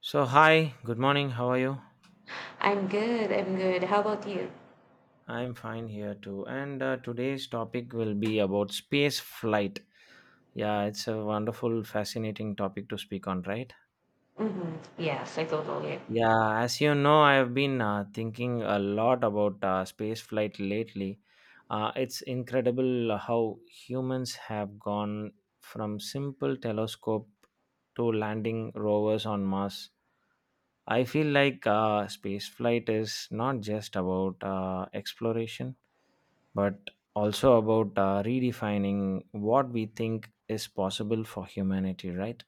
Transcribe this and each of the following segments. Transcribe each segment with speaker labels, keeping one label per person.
Speaker 1: So, hi, good morning. How are you?
Speaker 2: I'm good. I'm good. How about you?
Speaker 1: I'm fine here too. And Today's topic will be about space flight. Yeah, it's a wonderful, fascinating topic to speak on, right?
Speaker 2: Mm-hmm. Yes, I totally.
Speaker 1: Yeah, as you know, I've been thinking a lot about space flight lately. It's incredible how humans have gone from simple telescope to landing rovers on Mars. I feel like space flight is not just about exploration, but also about redefining what we think is possible for humanity, right?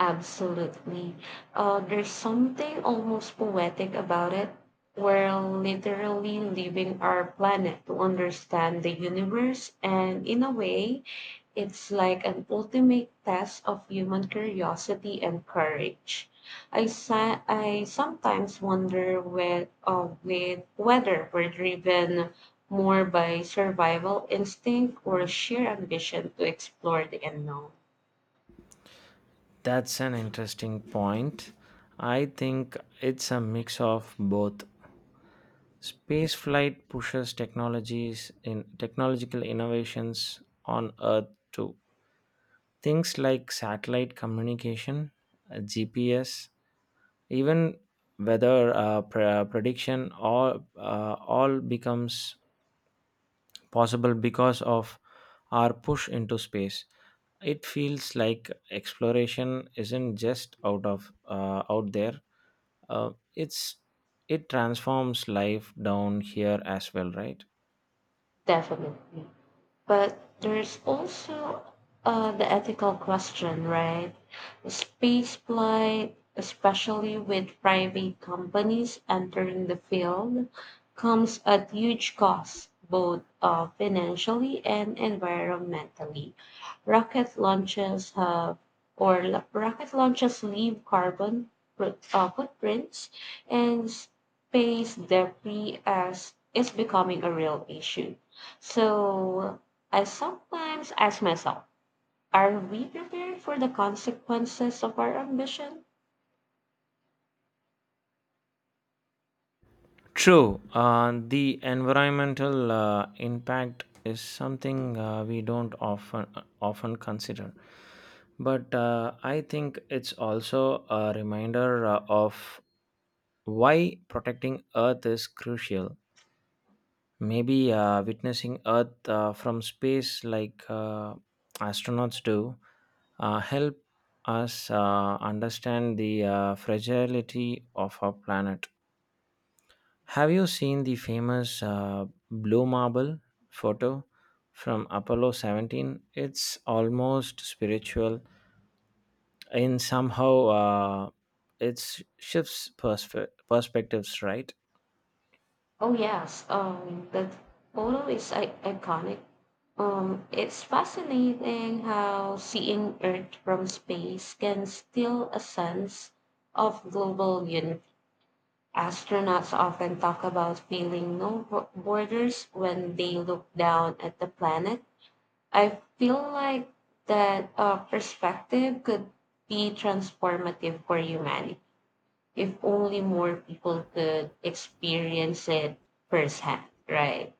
Speaker 2: Absolutely. There's something almost poetic about it. We're literally leaving our planet to understand the universe, and in a way, it's like an ultimate test of human curiosity and courage. I sometimes wonder with whether we're driven more by survival instinct or sheer ambition to explore the unknown.
Speaker 1: That's an interesting point. I think it's a mix of both. Spaceflight pushes technologies in technological innovations on Earth too. Things like satellite communication, GPS, even weather prediction, all becomes possible because of our push into space. It feels like exploration isn't just out there, uh, it's it transforms life down here as well, right.
Speaker 2: Definitely. But there's also the ethical question, right? Space flight, especially with private companies entering the field, comes at huge cost, both financially and environmentally. Rocket launches have or la- Rocket launches leave carbon footprints, and space debris as is becoming a real issue. So I sometimes ask myself, are we prepared for the consequences of our ambition?
Speaker 1: True. The environmental impact is something we don't often consider, but I think it's also a reminder of why protecting Earth is crucial. Maybe witnessing Earth from space, like astronauts do, help us understand the fragility of our planet. Have you seen the famous blue marble photo from Apollo 17? It's almost spiritual, and somehow it shifts perspectives, right?
Speaker 2: Oh yes, that photo is iconic. It's fascinating how seeing Earth from space can still a sense of global unity. Astronauts often talk about feeling no borders when they look down at the planet. I feel like that perspective could be transformative for humanity if only more people could experience it firsthand, right?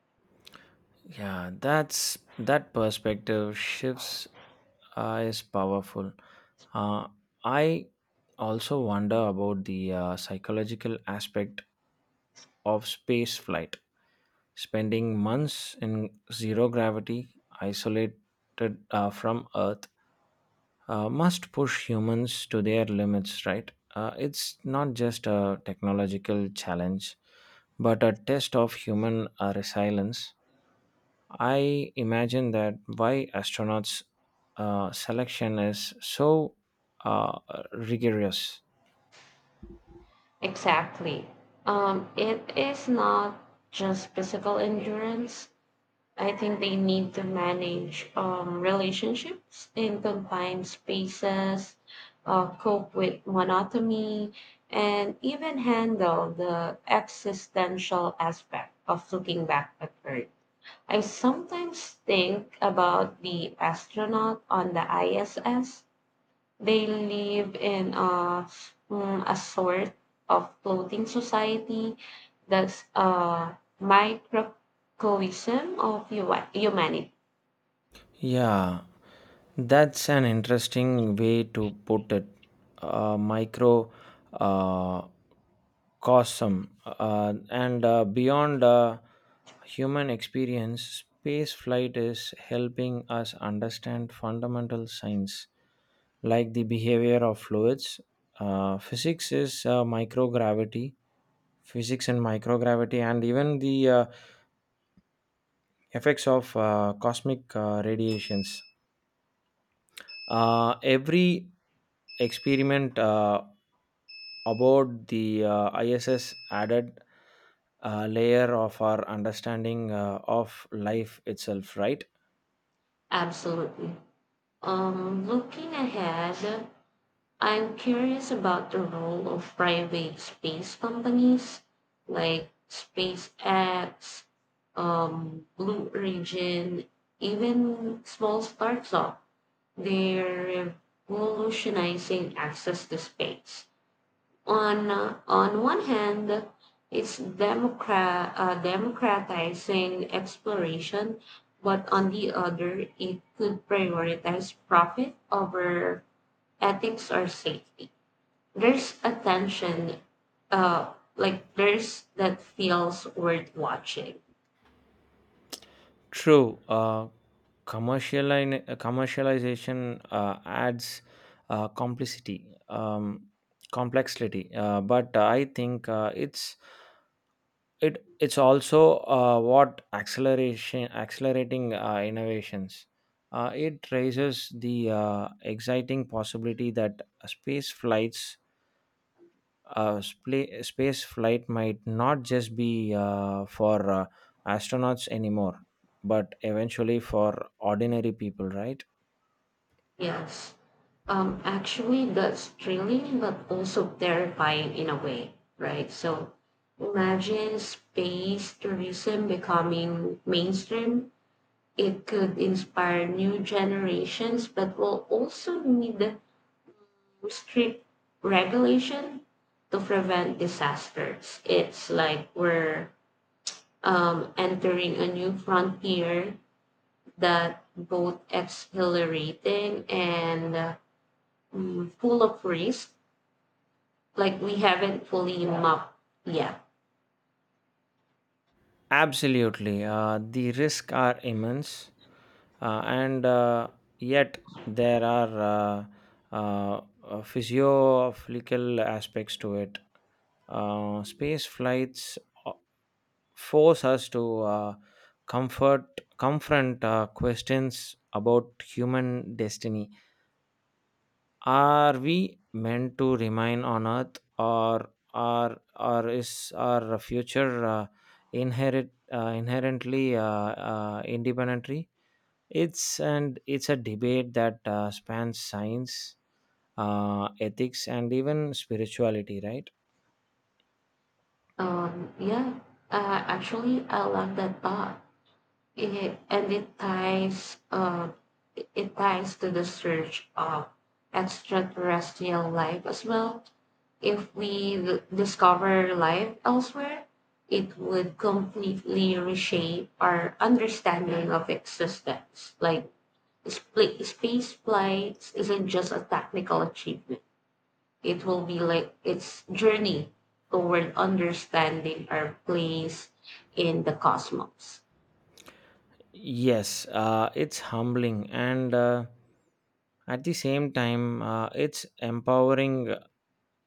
Speaker 1: Yeah, that's that perspective shifts is powerful. Uh, I also wonder about the psychological aspect of space flight. Spending months in zero gravity, isolated from Earth, must push humans to their limits, right? It's not just a technological challenge, but a test of human resilience. I imagine that why astronauts selection is so uh, rigorous.
Speaker 2: Exactly. It is not just physical endurance. I think they need to manage relationships in confined spaces, cope with monotony, and even handle the existential aspect of looking back at Earth. I sometimes think about the astronaut on the ISS. They live in a sort of floating society that's a microcosm of humanity.
Speaker 1: Yeah, that's an interesting way to put it. Micro uh, cosm and Beyond human experience, space flight is helping us understand fundamental science like the behavior of fluids. Uh, physics is uh, microgravity Physics and microgravity and even the effects of cosmic radiations, every experiment about the iss added a layer of our understanding of life itself, right.
Speaker 2: Absolutely. Looking ahead, I'm curious about the role of private space companies like SpaceX, Blue Origin, even small startups. They're revolutionizing access to space. On one hand, it's democratizing exploration, but on the other, it could prioritize profit over ethics or safety. There's a tension, like there's that feels worth watching.
Speaker 1: True. Commercialization adds uh, complicity, um, complexity, but I think it's also what acceleration accelerating innovations. It raises the exciting possibility that space flights space flight might not just be for astronauts anymore, but eventually for ordinary people, right.
Speaker 2: Yes. Actually, that's thrilling, but also terrifying in a way, right? So imagine space tourism becoming mainstream. It could inspire new generations, but will also need strict regulation to prevent disasters. It's like we're entering a new frontier that both exhilarating and full of risk like we haven't fully mapped yet.
Speaker 1: Absolutely, the risks are immense, and yet there are physiological aspects to it. Space flights uh, force us to comfort confront questions about human destiny. Are we meant to remain on Earth, or is our future inherit inherently independently? It's a debate that spans science, ethics, and even spirituality, right?
Speaker 2: Yeah, actually, I love that thought. It, and it ties, it- Ties to the search of extraterrestrial life as well. If we discover life elsewhere, it would completely reshape our understanding of existence. Like space flights isn't just a technical achievement. It will be like its journey toward understanding our place in the cosmos.
Speaker 1: Yes, it's humbling and at the same time it's empowering.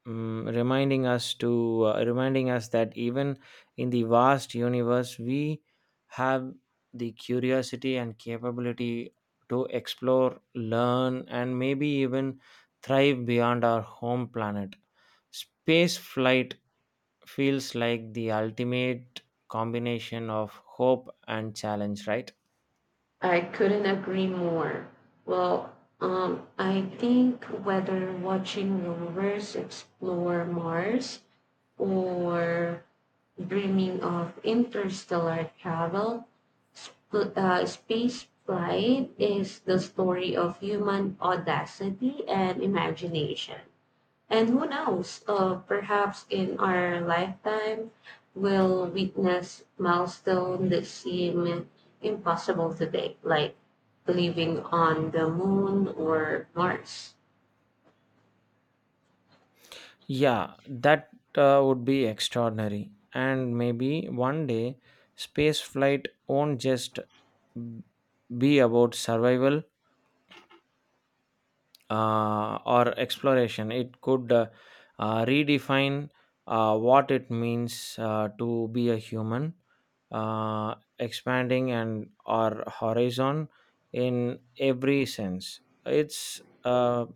Speaker 1: Mm, reminding us that even in the vast universe we have the curiosity and capability to explore, learn, and maybe even thrive beyond our home planet. Space flight feels like the ultimate combination of hope and challenge, right?
Speaker 2: I couldn't agree more. Well, I think whether watching rovers explore Mars or dreaming of interstellar travel, space flight is the story of human audacity and imagination. And who knows, perhaps in our lifetime, we'll witness milestones that seem impossible today, like living on the moon or Mars.
Speaker 1: Yeah, that would be extraordinary, and maybe one day space flight won't just be about survival or exploration. It could redefine what it means to be a human, expanding and our horizon in every sense. It's uh,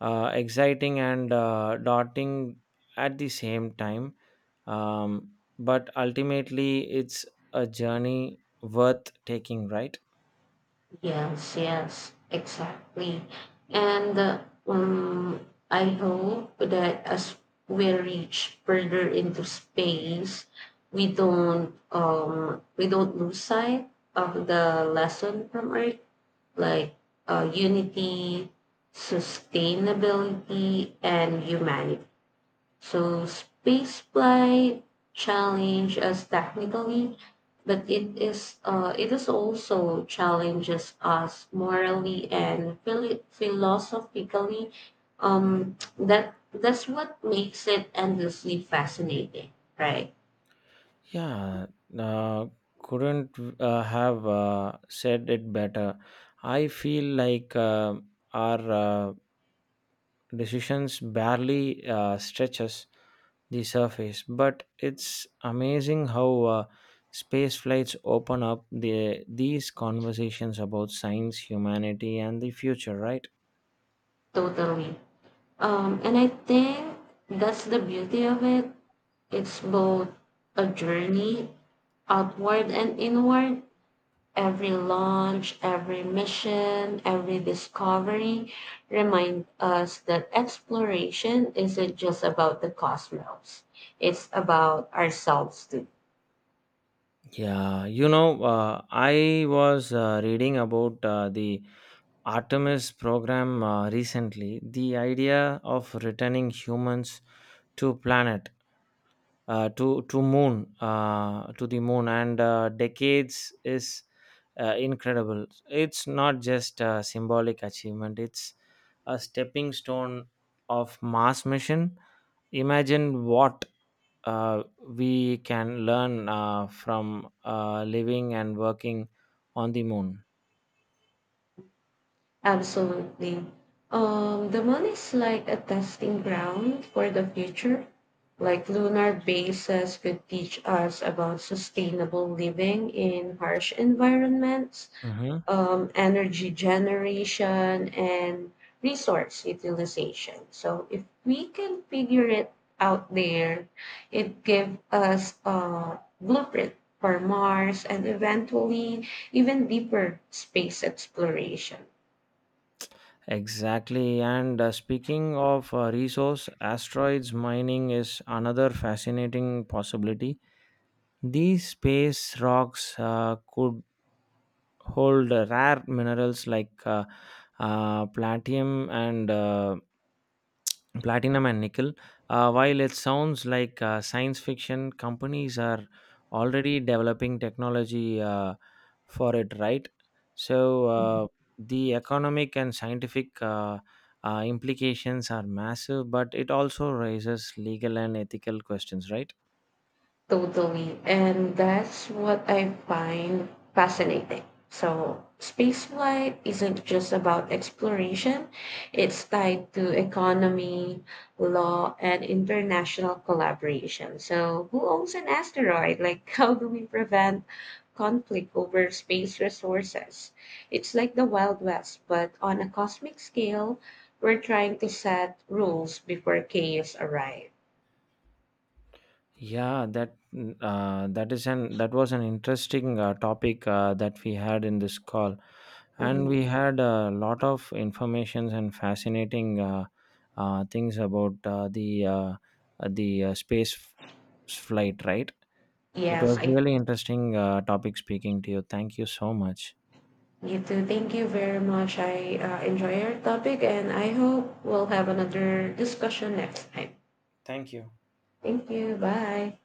Speaker 1: uh, exciting and daunting at the same time, um, but ultimately it's a journey worth taking, right?
Speaker 2: Yes, yes, exactly. And I hope that as we reach further into space, we don't lose sight of the lesson from Earth like unity, sustainability, and humanity. So spaceflight challenge us technically, but it is also challenges us morally and philosophically. That's what makes it endlessly fascinating, right?
Speaker 1: Yeah, uh, couldn't have said it better. I feel like our decisions barely stretches the surface, but it's amazing how space flights open up these conversations about science, humanity, and the future, right?
Speaker 2: Totally. And I think that's the beauty of it. It's both a journey outward and inward. Every launch, every mission, every discovery remind us that exploration isn't just about the cosmos. It's about ourselves too.
Speaker 1: Yeah, you know, I was reading about the Artemis program recently. The idea of returning humans to planet to moon to the moon and decades is incredible. It's not just a symbolic achievement; it's a stepping stone of Mars mission. Imagine what we can learn from living and working on the moon.
Speaker 2: Absolutely. The moon is like a testing ground for the future. Like lunar bases could teach us about sustainable living in harsh environments,
Speaker 1: Mhm.
Speaker 2: energy generation and resource utilization. So if we can figure it out there, it gives us a blueprint for Mars and eventually even deeper space exploration.
Speaker 1: Exactly. And speaking of resource, asteroids mining is another fascinating possibility. These space rocks could hold rare minerals like uh, platinum and uh, platinum and nickel. While it sounds like science fiction, companies are already developing technology for it, right? So the economic and scientific implications are massive, but it also raises legal and ethical questions, right?
Speaker 2: Totally. And that's what I find fascinating. So, spaceflight isn't just about exploration, it's tied to economy, law, and international collaboration. So, who owns an asteroid? Like, how do we prevent conflict over space resources? It's like the Wild West, but on a cosmic scale, we're trying to set rules before chaos arrives.
Speaker 1: Yeah, that mm, that is an that was an interesting topic that we had in this call, and
Speaker 2: Mhm.
Speaker 1: we had a lot of informations and fascinating things about the space flight, right? It
Speaker 2: Yes,
Speaker 1: was
Speaker 2: I...
Speaker 1: really interesting topic speaking to you. Thank you so much.
Speaker 2: You too. Thank you very much. I enjoy your topic and I hope we'll have another discussion next time.
Speaker 1: Thank you.
Speaker 2: Thank you. Bye.